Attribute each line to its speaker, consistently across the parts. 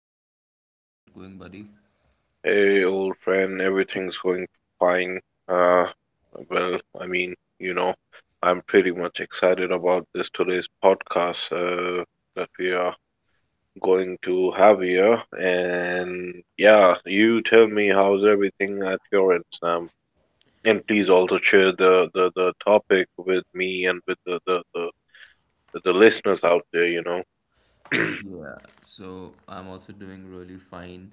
Speaker 1: another episode. How's it going, buddy?
Speaker 2: Hey, old friend, everything's going fine. Uh, well, I mean, I'm pretty much excited about this today's podcast that we are going to have here. And yeah, you tell me how's everything at your end, Sam. And please also share the topic with me and with the listeners out there, you know.
Speaker 1: Yeah, so I'm also doing really fine.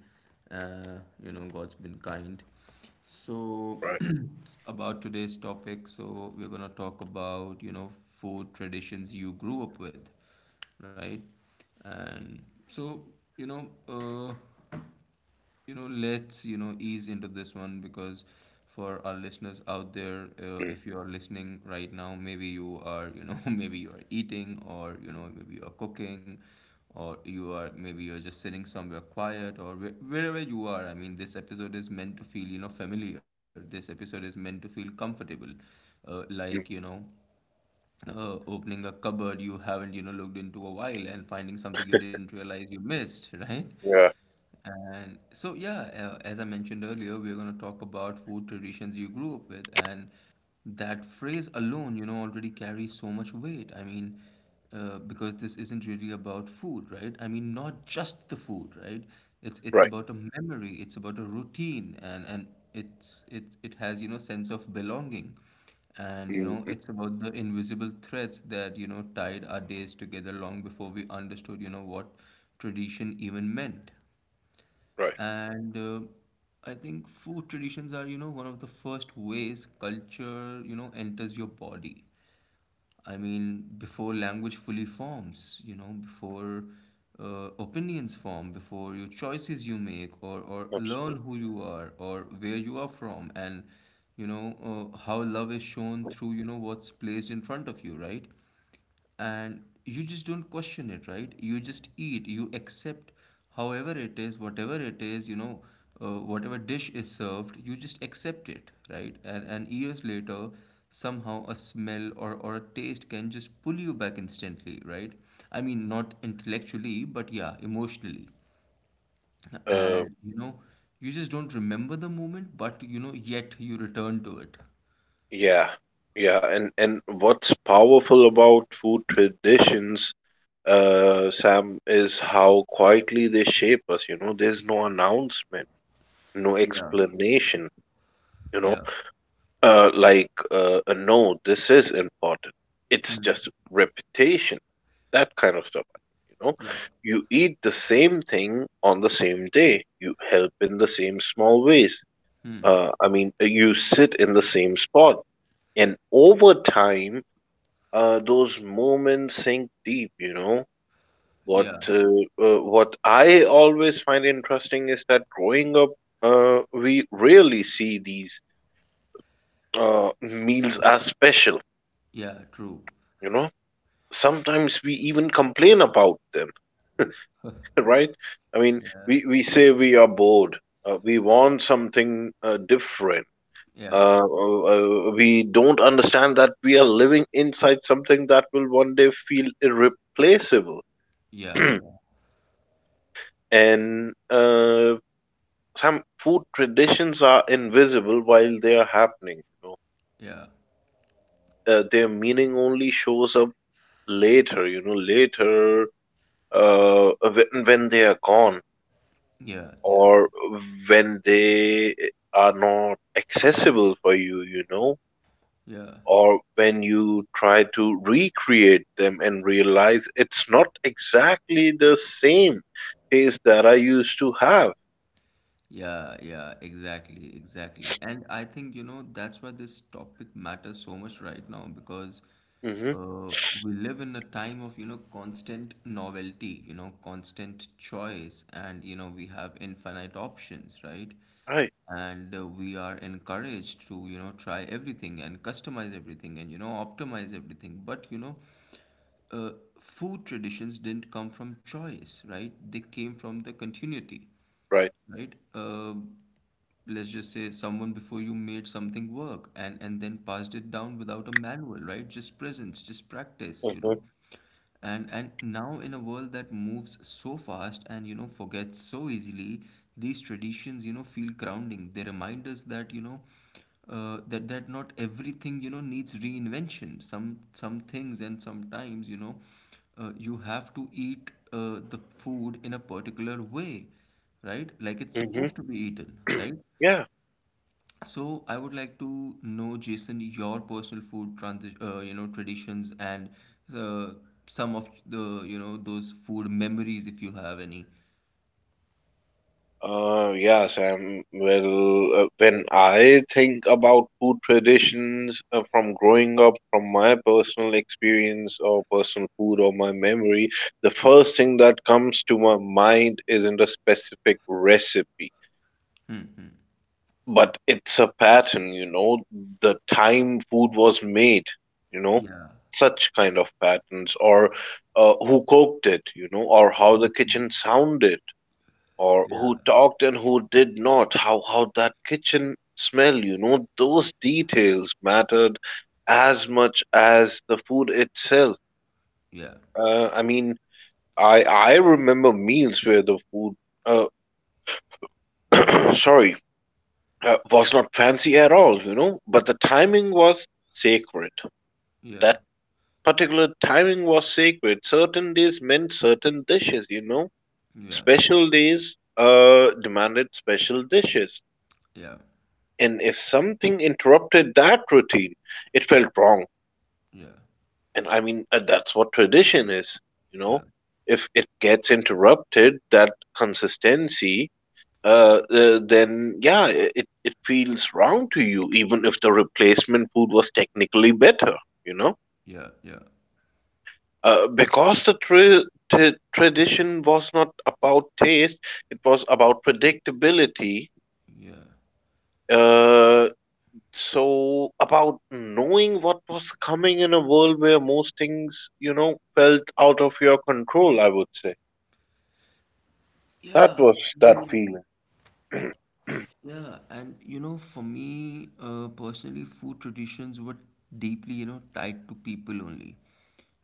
Speaker 1: Uh, you know, God's been kind. So,
Speaker 2: Right.
Speaker 1: about today's topic, so we're gonna talk about, you know, food traditions you grew up with, right? And so, you know, uh, you know let's ease into this one because for our listeners out there
Speaker 2: Mm.
Speaker 1: if you are listening right now maybe you are, maybe you are eating or you know maybe you are cooking or you are maybe you're just sitting somewhere quiet or wherever you are. I mean, this episode is meant to feel, you know, familiar. This episode is meant to feel comfortable, like, you
Speaker 2: Mm.
Speaker 1: know, opening a cupboard you haven't, you know, looked into a while and finding something you didn't realize you missed, right?
Speaker 2: Yeah,
Speaker 1: And so, yeah, as I mentioned earlier, we're going to talk about food traditions you grew up with. And that phrase alone, you know, already carries so much weight. I mean, because this isn't really about food, right? I mean, not just the food, right? It's
Speaker 2: right.
Speaker 1: about a memory, it's about a routine, and it it has, you know, sense of belonging. And you
Speaker 2: Mm.
Speaker 1: know, it's about the invisible threads that, you know, tied our days together long before we understood, you know, what tradition even meant.
Speaker 2: Right.
Speaker 1: And I think food traditions are, you know, one of the first ways culture, you know, enters your body. I mean, before language fully forms, you know, before opinions form, before your choices you make, or learn
Speaker 2: Absolutely.
Speaker 1: who you are, or where you are from, and, you know, how love is shown through, you know, what's placed in front of you, right? And you just don't question it, right? You just eat, you accept however it is, whatever it is, you know, whatever dish is served, you just accept it, right? And years later, somehow a smell or a taste can just pull you back instantly, right? I mean, not intellectually, but yeah, emotionally.
Speaker 2: Uh,
Speaker 1: And you know, you just don't remember the moment, but you know, yet you return to it.
Speaker 2: Yeah, yeah, and what's powerful about food traditions, Sam, is how quietly they shape us. You know, there's no announcement, no
Speaker 1: Yeah,
Speaker 2: explanation. You know,
Speaker 1: yeah,
Speaker 2: no, this is important. It's just reputation, that kind of stuff. You know,
Speaker 1: yeah,
Speaker 2: you eat the same thing on the same day. You help in the same small ways. You sit in the same spot, and over time those moments sink deep, you know. What
Speaker 1: yeah,
Speaker 2: uh, uh, what I always find interesting is that growing up, we rarely see these meals as special,
Speaker 1: yeah, true.
Speaker 2: you know. Sometimes we even complain about them, right? I mean,
Speaker 1: Yeah,
Speaker 2: we say we are bored, we want something different.
Speaker 1: yeah,
Speaker 2: We don't understand that we are living inside something that will one day feel irreplaceable,
Speaker 1: yeah, yeah,
Speaker 2: and some food traditions are invisible while they are happening, you know.
Speaker 1: yeah,
Speaker 2: Their meaning only shows up later, when they are gone,
Speaker 1: yeah, yeah,
Speaker 2: or when they are not accessible for you, you know,
Speaker 1: yeah,
Speaker 2: or when you try to recreate them and realize it's not exactly the same taste that I used to have.
Speaker 1: yeah, yeah, exactly, exactly. And I think, you know, that's why this topic matters so much right now because
Speaker 2: Hmm.
Speaker 1: uh, we live in a time of, you know, constant novelty, you know, constant choice, and, you know, we have infinite options, right?
Speaker 2: Right,
Speaker 1: And we are encouraged to, you know, try everything and customize everything and, you know, optimize everything. But, you know, uh, food traditions didn't come from choice, right? They came from the continuity,
Speaker 2: right.
Speaker 1: right? Let's just say someone before you made something work and then passed it down without a manual, right? Just presence, just practice, you know.
Speaker 2: Hmm.
Speaker 1: And now in a world that moves so fast and you know forgets so easily, these traditions, you know, feel grounding. They remind us that, you know, that not everything, you know, needs reinvention. Some things and sometimes, you know, you have to eat the food in a particular way, right? Like it's supposed to be eaten, right?
Speaker 2: Yeah.
Speaker 1: So I would like to know, Jason, your personal food transi you know, traditions and uh, some of the, you know, those food memories if you have any.
Speaker 2: Yeah, Sam. Well, when I think about food traditions from growing up, from my personal experience or personal food or my memory, the first thing that comes to my mind isn't a specific recipe, but it's a pattern, you know, the time food was made, you know,
Speaker 1: Yeah,
Speaker 2: such kind of patterns, or who cooked it, you know, or how the kitchen sounded or
Speaker 1: yeah,
Speaker 2: who talked and who did not, how that kitchen smell, you know, those details mattered as much as the food itself.
Speaker 1: yeah,
Speaker 2: Uh, i mean i i remember meals where the food uh, sorry was not fancy at all, you know, but the timing was sacred.
Speaker 1: yeah,
Speaker 2: That particular timing was sacred. Certain days meant certain dishes, you know,
Speaker 1: yeah,
Speaker 2: special days demanded special dishes.
Speaker 1: yeah,
Speaker 2: And if something interrupted that routine, it felt wrong.
Speaker 1: yeah,
Speaker 2: And I mean, that's what tradition is, you know.
Speaker 1: yeah,
Speaker 2: If it gets interrupted, that consistency, then yeah, it feels wrong to you, even if the replacement food was technically better, you know.
Speaker 1: yeah, yeah.
Speaker 2: Because tradition was not about taste, it was about predictability.
Speaker 1: Yeah.
Speaker 2: Uh, So, about knowing what was coming in a world where most things, you know, felt out of your control, I would say. That
Speaker 1: Yeah,
Speaker 2: was
Speaker 1: I
Speaker 2: that
Speaker 1: mean,
Speaker 2: feeling.
Speaker 1: yeah, and you know, for me, personally, food traditions were deeply, you know, tied to people only,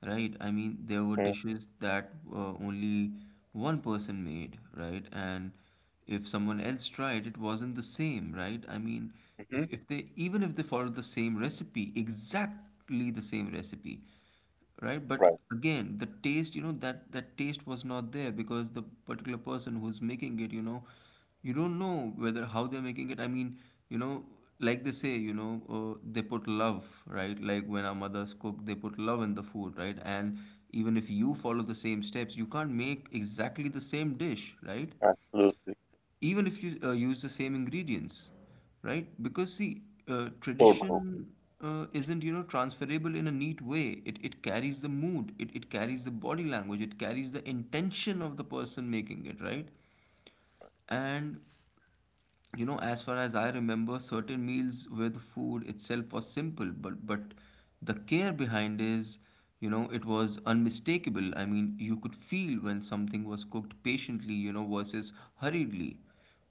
Speaker 1: right? I mean, there were dishes that only one person made, right? And if someone else tried, it wasn't the same, right? I mean,
Speaker 2: Mm-hmm.
Speaker 1: if they even if they followed the same recipe, exactly the same recipe, right? But
Speaker 2: Right,
Speaker 1: again, the taste, you know, that taste was not there because the particular person who's making it, you know, you don't know whether how they're making it. I mean, you know, like they say, you know, they put love, right? Like when our mothers cook, they put love in the food, right? And even if you follow the same steps, you can't make exactly the same dish, right?
Speaker 2: absolutely.
Speaker 1: Even if you use the same ingredients, right? Because see, uh,
Speaker 2: So true.
Speaker 1: tradition uh, isn't, you know, transferable in a neat way. It carries the mood, it carries the body language, it carries the intention of the person making it, right? And you know, as far as I remember, certain meals where the food itself was simple, but the care behind is, you know, it was unmistakable. I mean, you could feel when something was cooked patiently, you know, versus hurriedly,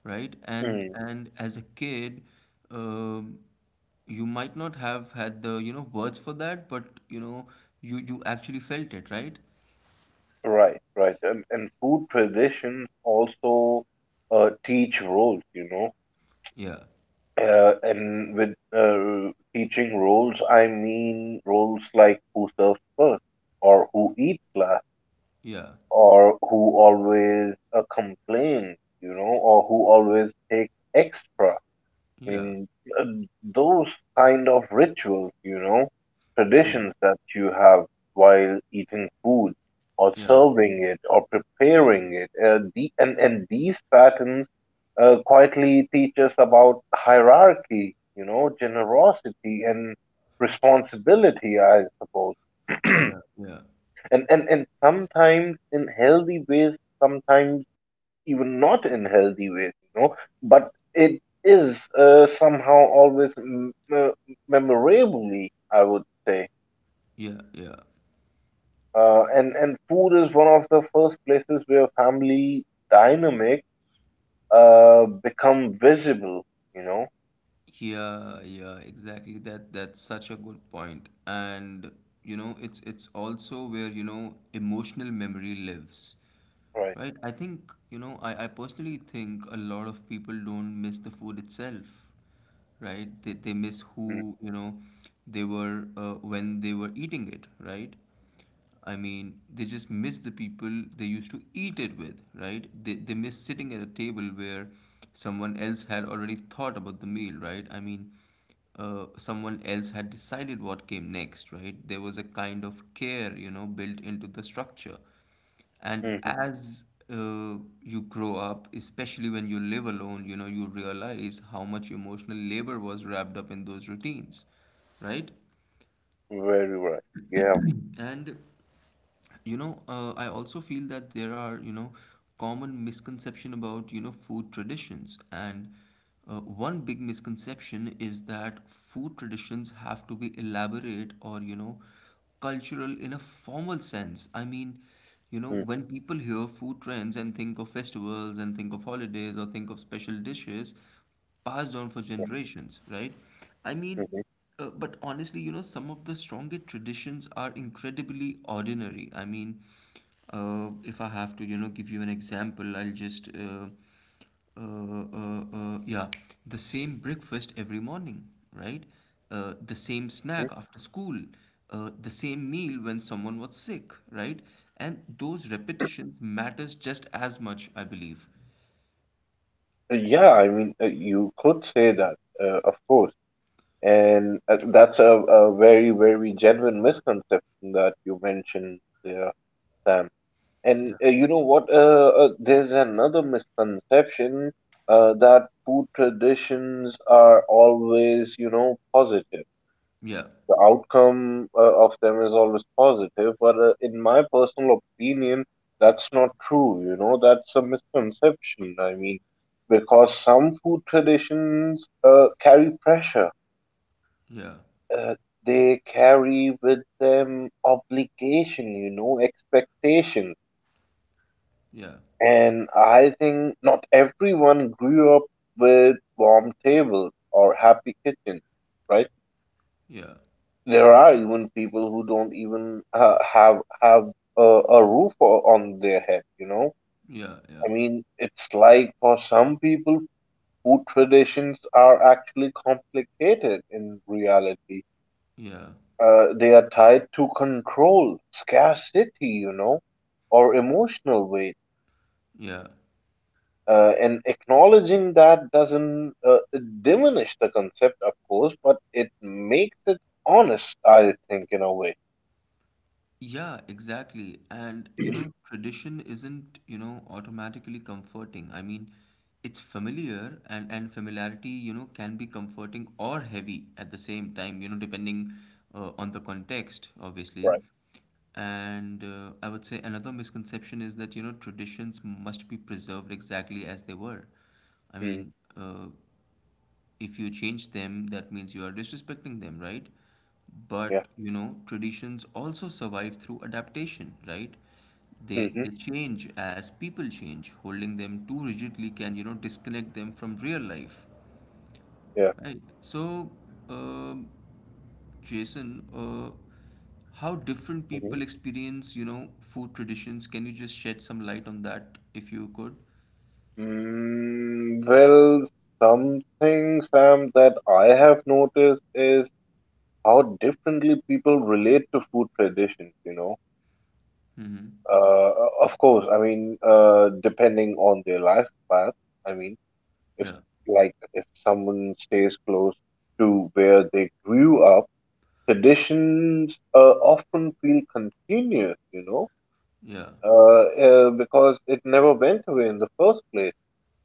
Speaker 1: right? and
Speaker 2: Mm.
Speaker 1: and as a kid, um, you might not have had the, you know, words for that, but you know, you actually felt it, right?
Speaker 2: Right, right. And food traditions also teach roles, you know.
Speaker 1: Yeah,
Speaker 2: And with teaching roles, I mean roles like who serves first, or who eats last,
Speaker 1: yeah,
Speaker 2: or who always complains, you know, or who always takes extra. I
Speaker 1: yeah,
Speaker 2: mean, uh, those kind of rituals, you know,
Speaker 1: yeah,
Speaker 2: traditions that you have while eating food or
Speaker 1: yeah,
Speaker 2: serving it or preparing it. And these patterns quietly teach us about hierarchy, you know, generosity and responsibility, I suppose.
Speaker 1: yeah, yeah,
Speaker 2: And sometimes in healthy ways, sometimes even not in healthy ways, you know, but it is somehow always memorably, I would say.
Speaker 1: yeah, yeah.
Speaker 2: And food is one of the first places where family dynamic become visible, you know.
Speaker 1: Yeah, yeah, exactly. That's such a good point. And you know, it's also where, you know, emotional memory lives.
Speaker 2: Right.
Speaker 1: Right? I think, you know, I personally think a lot of people don't miss the food itself, right? They miss
Speaker 2: Mm-hmm.
Speaker 1: who, you know, they were when they were eating it, right? I mean, they just miss the people they used to eat it with, right? They miss sitting at a table where someone else had already thought about the meal, right? I mean, someone else had decided what came next, right? There was a kind of care, you know, built into the structure. And
Speaker 2: Mm-hmm.
Speaker 1: as uh, you grow up, especially when you live alone, you know, you realize how much emotional labor was wrapped up in those routines, right?
Speaker 2: Very right. Yeah.
Speaker 1: And you know, I also feel that there are, you know, common misconception about, you know, food traditions. And one big misconception is that food traditions have to be elaborate or, you know, cultural in a formal sense. I mean, you know,
Speaker 2: Mm-hmm.
Speaker 1: when people hear food trends and think of festivals and think of holidays or think of special dishes passed on for generations, right? I mean,
Speaker 2: Mm-hmm.
Speaker 1: but honestly, you know, some of the strongest traditions are incredibly ordinary. I mean, if I have to, you know, give you an example, I'll just, yeah, the same breakfast every morning, right? The same
Speaker 2: Uh,
Speaker 1: snack after school, the same meal when someone was sick, right? And those repetitions matters just as much, I believe.
Speaker 2: Yeah, I mean, you could say that, of course. And that's a very, very genuine misconception that you mentioned there, Sam. And you know what? There's another misconception that food traditions are always, you know, positive.
Speaker 1: Yeah,
Speaker 2: The outcome of them is always positive, but in my personal opinion, that's not true. You know, that's a misconception. I mean, because some food traditions carry pressure.
Speaker 1: yeah,
Speaker 2: Uh, they carry with them obligation, you know, expectation.
Speaker 1: yeah.
Speaker 2: And I think not everyone grew up with warm tables or happy kitchens, right?
Speaker 1: Yeah,
Speaker 2: There are even people who don't even have a, a roof on their head, you know?
Speaker 1: yeah, yeah,
Speaker 2: I mean, it's like for some people, food traditions are actually complicated in reality.
Speaker 1: yeah,
Speaker 2: They are tied to control, scarcity, you know, or emotional weight,
Speaker 1: yeah,
Speaker 2: and acknowledging that doesn't diminish the concept, of course, but it makes it honest, I think, in a way.
Speaker 1: yeah, exactly. And you know, tradition isn't, you know, automatically comforting. I mean, it's familiar, and familiarity, you know, can be comforting or heavy at the same time, you know, depending on the context, obviously.
Speaker 2: Right.
Speaker 1: And I would say another misconception is that, you know, traditions must be preserved exactly as they were. I
Speaker 2: Mm,
Speaker 1: mean, if you change them, that means you are disrespecting them, right?
Speaker 2: yeah.
Speaker 1: But you know, traditions also survive through adaptation, right? They
Speaker 2: Hmm.
Speaker 1: they change as people change. Holding them too rigidly can, you know, disconnect them from real life,
Speaker 2: Yeah.
Speaker 1: right? So, um, Jason, how different
Speaker 2: Hmm.
Speaker 1: people experience, you know, food traditions? Can you just shed some light on that, if you could?
Speaker 2: Mm, well, something, Sam, that I have noticed is how differently people relate to food traditions. You know, uh, of course, I mean, depending on their life path. I mean, if
Speaker 1: Yeah,
Speaker 2: if someone stays close to where they grew up, traditions often feel continuous, you know,
Speaker 1: yeah,
Speaker 2: because it never went away in the first place,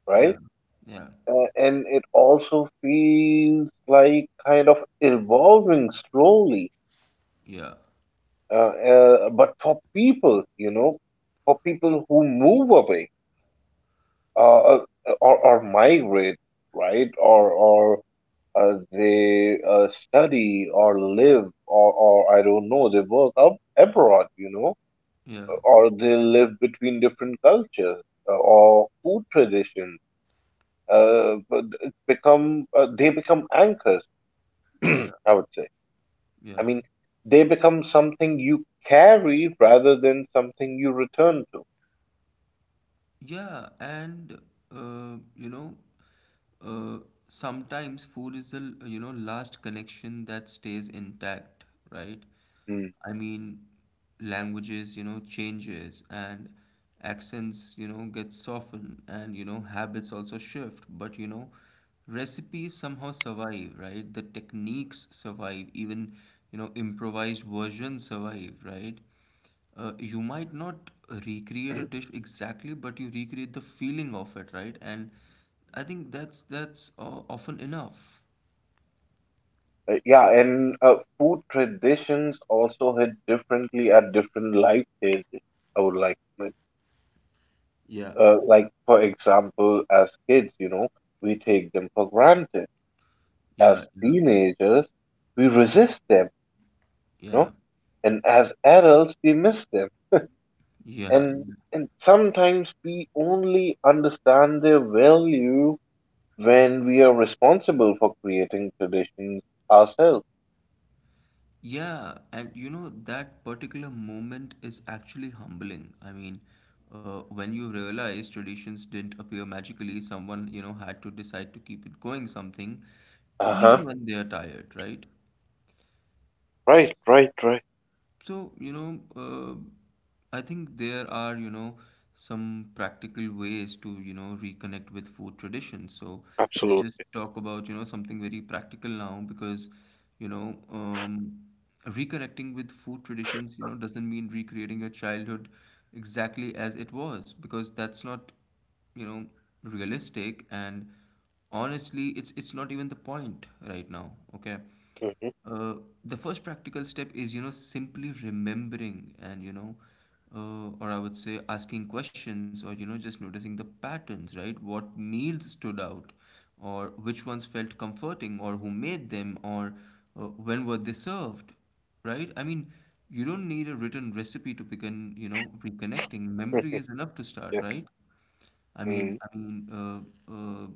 Speaker 2: right?
Speaker 1: yeah, yeah,
Speaker 2: And it also feels like kind of evolving slowly,
Speaker 1: yeah,
Speaker 2: but for people, you know, for people who move away, uh, uh, or migrate, right, or they study or live or I don't know, they work up abroad, you know,
Speaker 1: yeah,
Speaker 2: or they live between different cultures or food traditions. But it's become they become anchors,
Speaker 1: yeah,
Speaker 2: I would say. I
Speaker 1: yeah.
Speaker 2: mean, they become something you carry rather than something you return to.
Speaker 1: Yeah, and uh, you know, uh, sometimes food is the you know, last connection that stays intact, right?
Speaker 2: Mm.
Speaker 1: I mean, languages, you know, changes and accents, you know, get softened, and you know habits also shift, but you know, recipes somehow survive, right? The techniques survive, even you know, improvised versions survive, right? You might not recreate a dish exactly, but you recreate the feeling of it, right? And I think that's often enough.
Speaker 2: Yeah, and food traditions also hit differently at different life stages, I would like to
Speaker 1: Yeah,
Speaker 2: like for example as kids, you know, we take them for granted. As
Speaker 1: yeah, yeah,
Speaker 2: teenagers we resist them, you know,
Speaker 1: yeah,
Speaker 2: and as adults we miss them.
Speaker 1: yeah,
Speaker 2: and
Speaker 1: yeah.
Speaker 2: and sometimes we only understand their value when we are responsible for creating traditions ourselves.
Speaker 1: Yeah, and you know, that particular moment is actually humbling. I mean, when you realize traditions didn't appear magically, someone, you know, had to decide to keep it going something, even
Speaker 2: Uh-huh.
Speaker 1: when they are tired, right?
Speaker 2: Right, right, right.
Speaker 1: So, you know, I think there are, you know, some practical ways to, you know, reconnect with food traditions. So let's just
Speaker 2: Absolutely.
Speaker 1: talk about, you know, something very practical now because, you know, reconnecting with food traditions, you know, doesn't mean recreating your childhood exactly as it was, because that's not, you know, realistic, and honestly, it's not even the point right now, okay?
Speaker 2: Hmm.
Speaker 1: Uh, the first practical step is, you know, simply remembering and, you know, or I would say asking questions or, you know, just noticing the patterns, right? What meals stood out, or which ones felt comforting, or who made them, or when were they served, right? I mean, you don't need a written recipe to begin, reconnecting. Memory is enough to start,
Speaker 2: Yeah.
Speaker 1: right? I
Speaker 2: Mm.
Speaker 1: mean, I mean, uh, uh,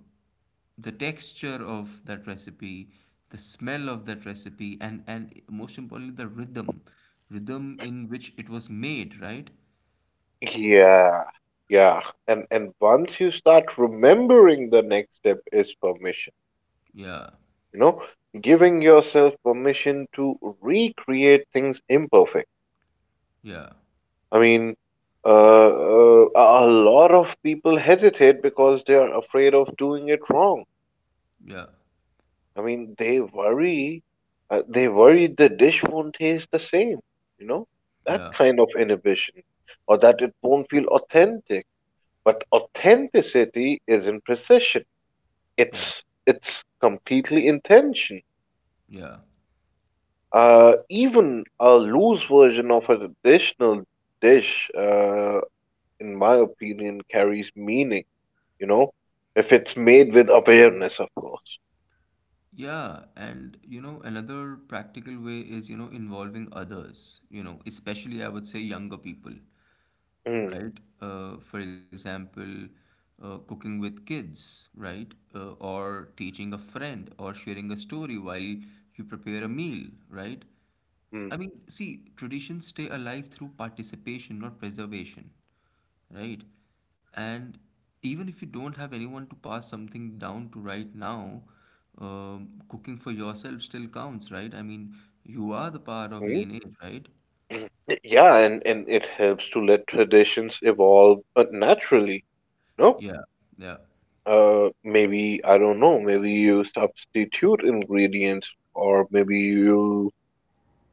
Speaker 1: the texture of that recipe, the smell of that recipe, and most importantly the rhythm in which it was made, right?
Speaker 2: Yeah. Yeah. And once you start remembering, the next step is permission.
Speaker 1: Yeah,
Speaker 2: You know, giving yourself permission to recreate things imperfect.
Speaker 1: yeah,
Speaker 2: I mean, a lot of people hesitate because they are afraid of doing it wrong.
Speaker 1: yeah,
Speaker 2: I mean, they worry, they worry the dish won't taste the same, you know, that
Speaker 1: yeah,
Speaker 2: kind of inhibition, or that it won't feel authentic. But authenticity isn't precision,
Speaker 1: yeah,
Speaker 2: it's completely intention.
Speaker 1: yeah,
Speaker 2: Even a loose version of a traditional dish, in my opinion, carries meaning, you know, if it's made with awareness, of course.
Speaker 1: yeah. And you know, another practical way is, you know, involving others, you know, especially I would say younger people,
Speaker 2: Mm.
Speaker 1: right? For example, cooking with kids, right? Or teaching a friend, or sharing a story while you prepare a meal, right?
Speaker 2: Mm.
Speaker 1: I mean, see, traditions stay alive through participation, not preservation, right? And even if you don't have anyone to pass something down to right now, cooking for yourself still counts, right? I mean, you are the part of
Speaker 2: Mm.
Speaker 1: lineage, right?
Speaker 2: Yeah, and it helps to let traditions evolve naturally, you know.
Speaker 1: Yeah, yeah,
Speaker 2: Maybe, I don't know, maybe you substitute ingredients or maybe you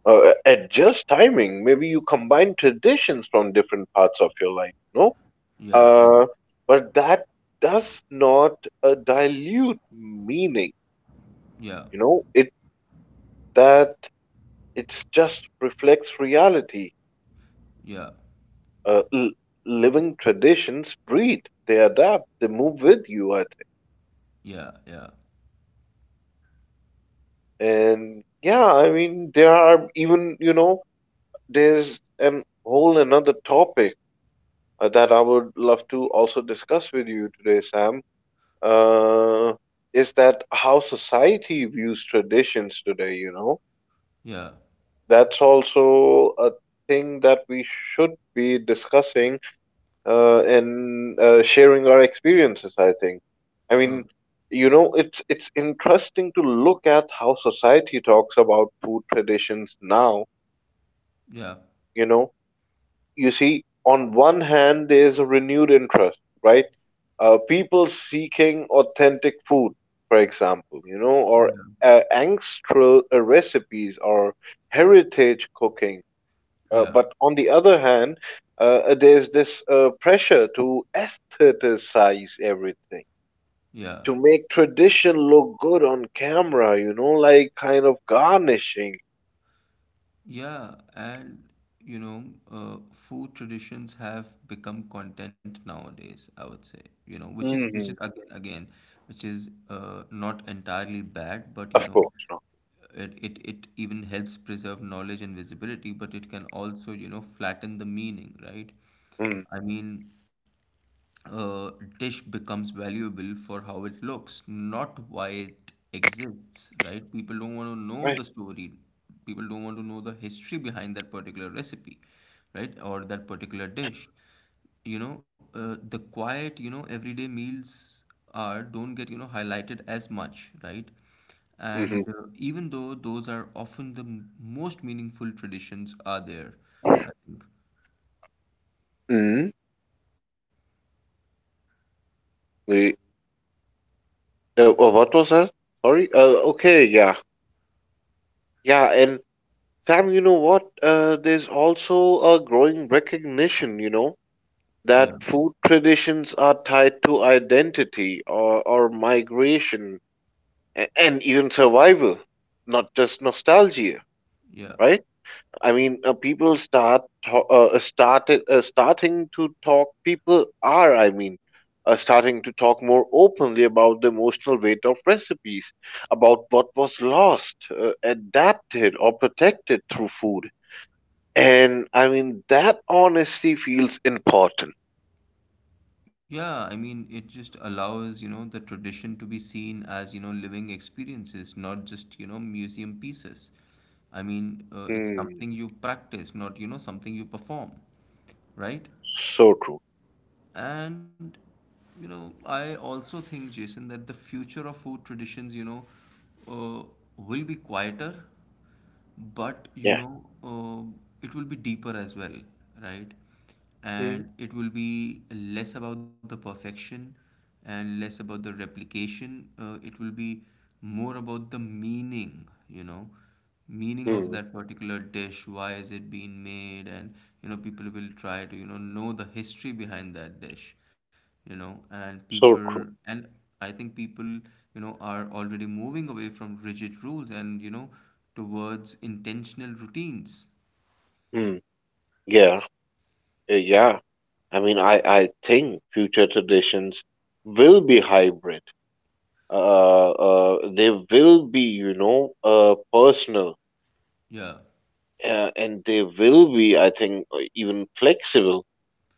Speaker 2: adjust timing. Maybe you combine traditions from different parts of your life, you know.
Speaker 1: yeah, yeah,
Speaker 2: Uh, but that does not dilute meaning.
Speaker 1: yeah.
Speaker 2: You know, it that it just reflects reality.
Speaker 1: Yeah,
Speaker 2: Uh, l- Living traditions breed, they adapt, they move with you, I think.
Speaker 1: yeah, yeah,
Speaker 2: And yeah, I mean, there are even, you know, there's an whole another topic that I would love to also discuss with you today, Sam. Uh, is that how society views traditions today? You know,
Speaker 1: yeah,
Speaker 2: that's also a thing that we should be discussing and sharing our experiences, I think. I
Speaker 1: sure.
Speaker 2: mean, you know, it's interesting to look at how society talks about food traditions now.
Speaker 1: Yeah,
Speaker 2: You know, you see, on one hand, there is a renewed interest, right? People seeking authentic food, for example, you know, or
Speaker 1: yeah,
Speaker 2: ancestral recipes or heritage cooking,
Speaker 1: yeah,
Speaker 2: but on the other hand, there's this pressure to aestheticize everything,
Speaker 1: yeah,
Speaker 2: to make tradition look good on camera, you know, like kind of garnishing.
Speaker 1: yeah. And you know, food traditions have become content nowadays, I would say, you know, which is
Speaker 2: Hmm.
Speaker 1: again, which is not entirely bad, but
Speaker 2: Of
Speaker 1: you know,
Speaker 2: course, no.
Speaker 1: it even helps preserve knowledge and visibility, but it can also, you know, flatten the meaning, right?
Speaker 2: Mm.
Speaker 1: I mean, uh, Dish becomes valuable for how it looks, not why it exists, right? People don't want to know
Speaker 2: Right.
Speaker 1: the story. People don't want to know the history behind that particular recipe, right? Or that particular dish. You know, the quiet, you know, everyday meals are don't get, you know, highlighted as much, right? And
Speaker 2: Hmm.
Speaker 1: even though those are often the most meaningful traditions are there. I,
Speaker 2: Mm. We, what was that? Sorry. Okay, yeah. Yeah, and Sam, you know what? There's also a growing recognition, you know,
Speaker 1: yeah,
Speaker 2: that food traditions are tied to identity or migration, and even survival, not just nostalgia,
Speaker 1: yeah.
Speaker 2: right? I mean, people start to- started starting to talk. People are, I mean, starting to talk more openly about the emotional weight of recipes, about what was lost, adapted, or protected through food. And I mean, that honesty feels important.
Speaker 1: Yeah, I mean, it just allows, you know, the tradition to be seen as, you know, living experiences, not just, you know, museum pieces. It's
Speaker 2: Hmm,
Speaker 1: something you practice, not, you know, something you perform, right?
Speaker 2: so true.
Speaker 1: And you know, I also think, Jason, that the future of food traditions, uh, will be quieter, but
Speaker 2: Yeah.
Speaker 1: it will be deeper as well, right?
Speaker 2: Mm.
Speaker 1: And it will be less about the perfection and less about the replication. It will be more about the meaning, you know, meaning of
Speaker 2: Mm.
Speaker 1: that particular dish, why is it being made. And you know, people will try to, you know the history behind that dish, you know. And
Speaker 2: So
Speaker 1: people
Speaker 2: true.
Speaker 1: and I think people, you know, are already moving away from rigid rules, and you know, towards intentional routines.
Speaker 2: Mm. Yeah. Yeah. I mean, I think future traditions will be hybrid. They will be, you know, personal,
Speaker 1: Yeah,
Speaker 2: and they will be, I think, even flexible.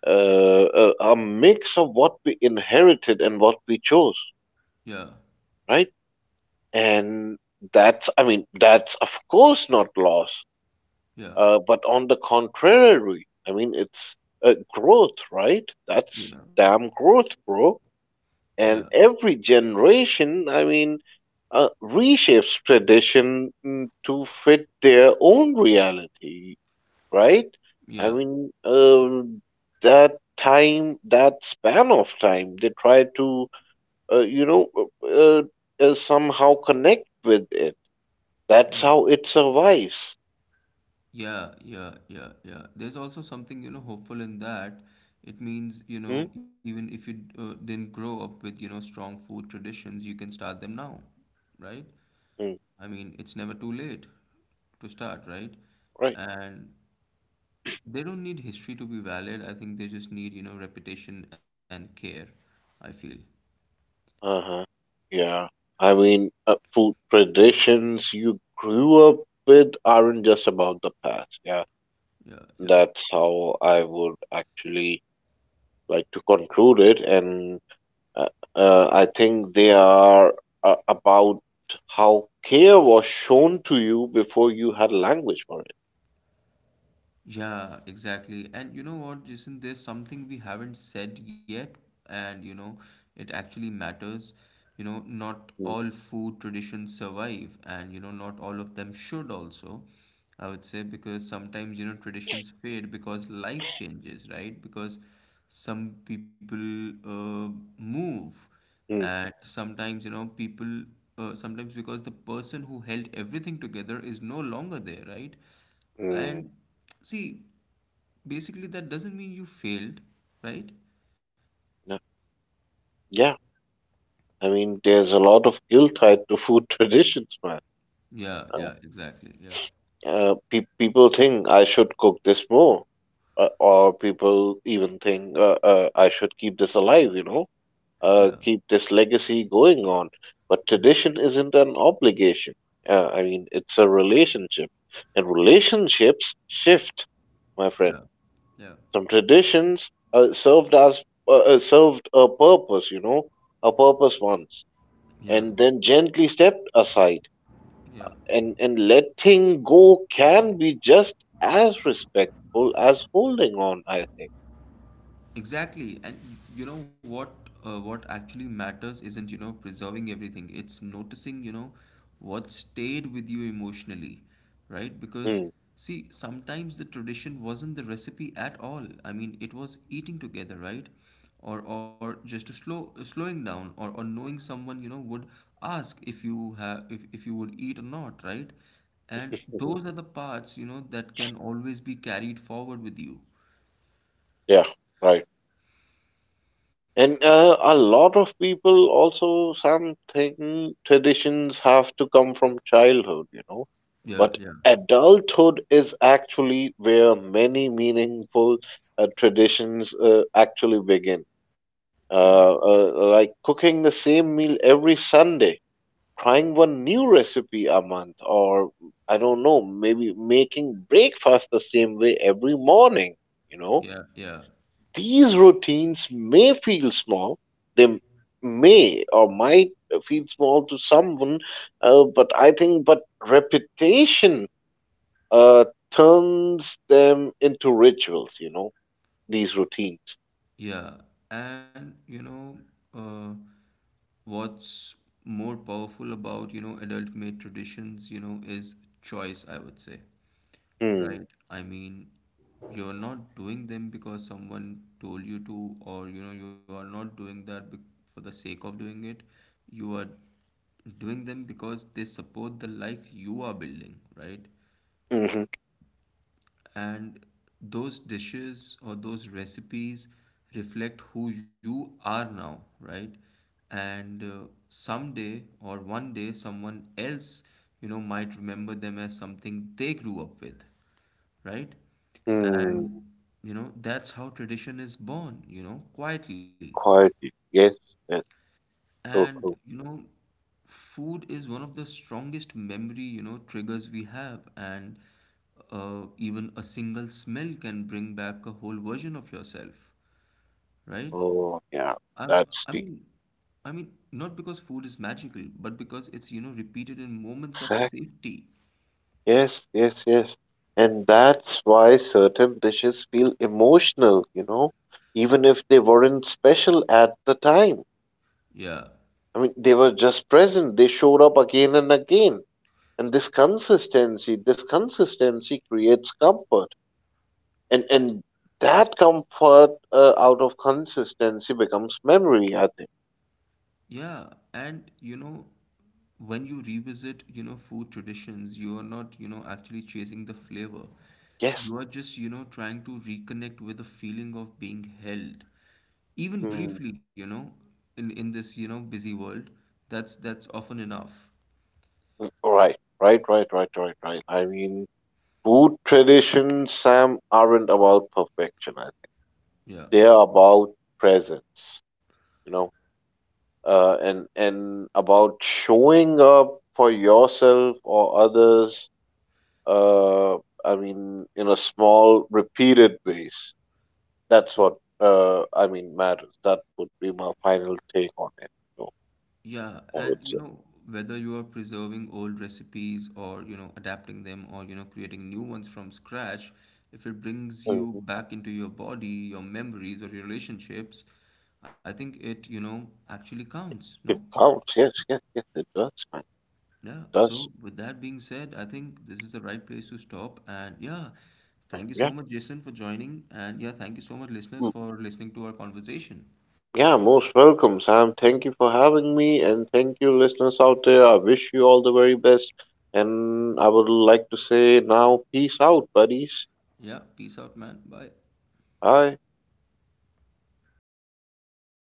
Speaker 2: A mix of what we inherited and what we chose,
Speaker 1: yeah,
Speaker 2: right? And that's, I mean, that's of course not loss.
Speaker 1: yeah,
Speaker 2: But on the contrary, I mean, it's growth, right? That's
Speaker 1: yeah,
Speaker 2: damn growth, bro.
Speaker 1: yeah,
Speaker 2: And every generation, I mean, reshapes tradition to fit their own reality, right? I
Speaker 1: yeah.
Speaker 2: mean, that time, that span of time, they try to, uh, you know, uh, somehow connect with it. That's how it survives.
Speaker 1: Yeah, yeah, yeah, yeah. There's also something, you know, hopeful in that. It means, you
Speaker 2: Hmm?
Speaker 1: know, even if you didn't grow up with, you know, strong food traditions, you can start them now, right?
Speaker 2: Hmm.
Speaker 1: I mean, it's never too late to start, right?
Speaker 2: Right.
Speaker 1: And they don't need history to be valid. I think they just need, you know, repetition and care, I feel.
Speaker 2: Uh-huh. Yeah. I mean, food traditions you grew up with aren't just about the past. Yeah.
Speaker 1: Yeah, yeah.
Speaker 2: That's how I would actually like to conclude it. And uh, I think they are about how care was shown to you before you had language for it.
Speaker 1: Yeah, exactly. And you know what, Jason, there's something we haven't said yet, and you know, it actually matters. You know, not
Speaker 2: Mm.
Speaker 1: all food traditions survive, and you know, not all of them should also. I would say, because sometimes, you know, traditions fade because life changes, right? Because some people uh, move,
Speaker 2: Mm.
Speaker 1: and sometimes, you know, people sometimes because the person who held everything together is no longer there, right?
Speaker 2: Mm.
Speaker 1: And see, basically, that doesn't mean you failed, right?
Speaker 2: Yeah. Yeah. I mean, there's a lot of guilt tied to food traditions, man.
Speaker 1: Yeah,
Speaker 2: Uh,
Speaker 1: yeah, exactly. Yeah,
Speaker 2: pe People think I should cook this more, or people even think I should keep this alive, you know,
Speaker 1: yeah,
Speaker 2: keep this legacy going on. But
Speaker 1: yeah,
Speaker 2: tradition isn't an obligation. I mean, it's a relationship, and relationships shift, my friend.
Speaker 1: yeah, yeah,
Speaker 2: Some traditions served a purpose, you know, a purpose once,
Speaker 1: yeah,
Speaker 2: and then gently stepped aside.
Speaker 1: yeah.
Speaker 2: And letting go can be just as respectful as holding on, I think.
Speaker 1: Exactly. And you know what? What actually matters isn't, you know, preserving everything. It's noticing, you know, what stayed with you emotionally, right? Because
Speaker 2: Hmm.
Speaker 1: see, sometimes the tradition wasn't the recipe at all. I mean, it was eating together, right? Or just to slowing down, or knowing someone, you know, would ask if you have if you would eat or not, right? And those are the parts, you know, that can always be carried forward with you.
Speaker 2: Yeah, right. And a lot of people also, something traditions have to come from childhood, you know.
Speaker 1: Yeah,
Speaker 2: But
Speaker 1: yeah,
Speaker 2: adulthood is actually where many meaningful traditions actually begin.
Speaker 1: yeah.
Speaker 2: Like cooking the same meal every Sunday, trying one new recipe a month, or I don't know, maybe making breakfast the same way every morning, you know.
Speaker 1: Yeah, yeah,
Speaker 2: These routines may feel small. They may or might feel small to someone, but I think but repetition uh, turns them into rituals. You know, these routines.
Speaker 1: yeah. And you know, uh, what's more powerful about, you know, adult-made traditions, you know, is choice, I would say,
Speaker 2: Hmm.
Speaker 1: right? I mean, you're not doing them because someone told you to, or you know, you are not doing that be for the sake of doing it. You are doing them because they support the life you are building, right?
Speaker 2: Mm-hmm.
Speaker 1: And those dishes or those recipes reflect who you are now, right? And someday or one day, someone else, you know, might remember them as something they grew up with, right?
Speaker 2: Hmm.
Speaker 1: And you know, that's how tradition is born, you know, quietly.
Speaker 2: Quietly. Yes. That's so
Speaker 1: And
Speaker 2: true.
Speaker 1: you know, food is one of the strongest memory, you know, triggers we have. And even a single smell can bring back a whole version of yourself, right?
Speaker 2: Oh yeah.
Speaker 1: I'm, I
Speaker 2: That's
Speaker 1: mean,
Speaker 2: the
Speaker 1: I mean, Not because food is magical, but because it's, you know, repeated in moments of
Speaker 2: exact.
Speaker 1: safety.
Speaker 2: Yes, yes, yes. And that's why certain dishes feel emotional, you know, even if they weren't special at the time.
Speaker 1: Yeah.
Speaker 2: I mean, they were just present. They showed up again and again. And this consistency creates comfort. And that comfort out of consistency becomes memory, I think.
Speaker 1: Yeah, and you know, when you revisit, you know, food traditions, you are not, you know, actually chasing the flavor.
Speaker 2: Yes.
Speaker 1: You are just, you know, trying to reconnect with the feeling of being held. Even
Speaker 2: Mm.
Speaker 1: briefly, you know, in this, you know, busy world, that's often enough.
Speaker 2: Mm. Right, right, right, right, right, right. I mean, food traditions, Sam, aren't about perfection,
Speaker 1: Yeah.
Speaker 2: they're about presence, you know, and about showing up for yourself or others. Uh, I mean, in a small, repeated ways. That's what I mean matters. That would be my final take on it. So
Speaker 1: Yeah,
Speaker 2: I
Speaker 1: and
Speaker 2: would
Speaker 1: you
Speaker 2: say.
Speaker 1: know, whether you are preserving old recipes, or, you know, adapting them, or, you know, creating new ones from scratch, if it brings you
Speaker 2: Mhm.
Speaker 1: back into your body, your memories, or your relationships, I think it, you know, actually counts, no?
Speaker 2: It counts. Yes, yes, yes. It does, man.
Speaker 1: Yeah.
Speaker 2: It does.
Speaker 1: So with that being said, I think this is the right place to stop. And yeah, thank you
Speaker 2: Yeah.
Speaker 1: so much, Jason, for joining. And yeah, thank you so much, listeners, for listening to our conversation.
Speaker 2: Yeah, most welcome, Sam. Thank you for having me, and thank you, listeners out there. I wish you all the very best. And I would like to say now, peace out, buddies.
Speaker 1: Yeah, peace out, man. Bye.
Speaker 2: Bye.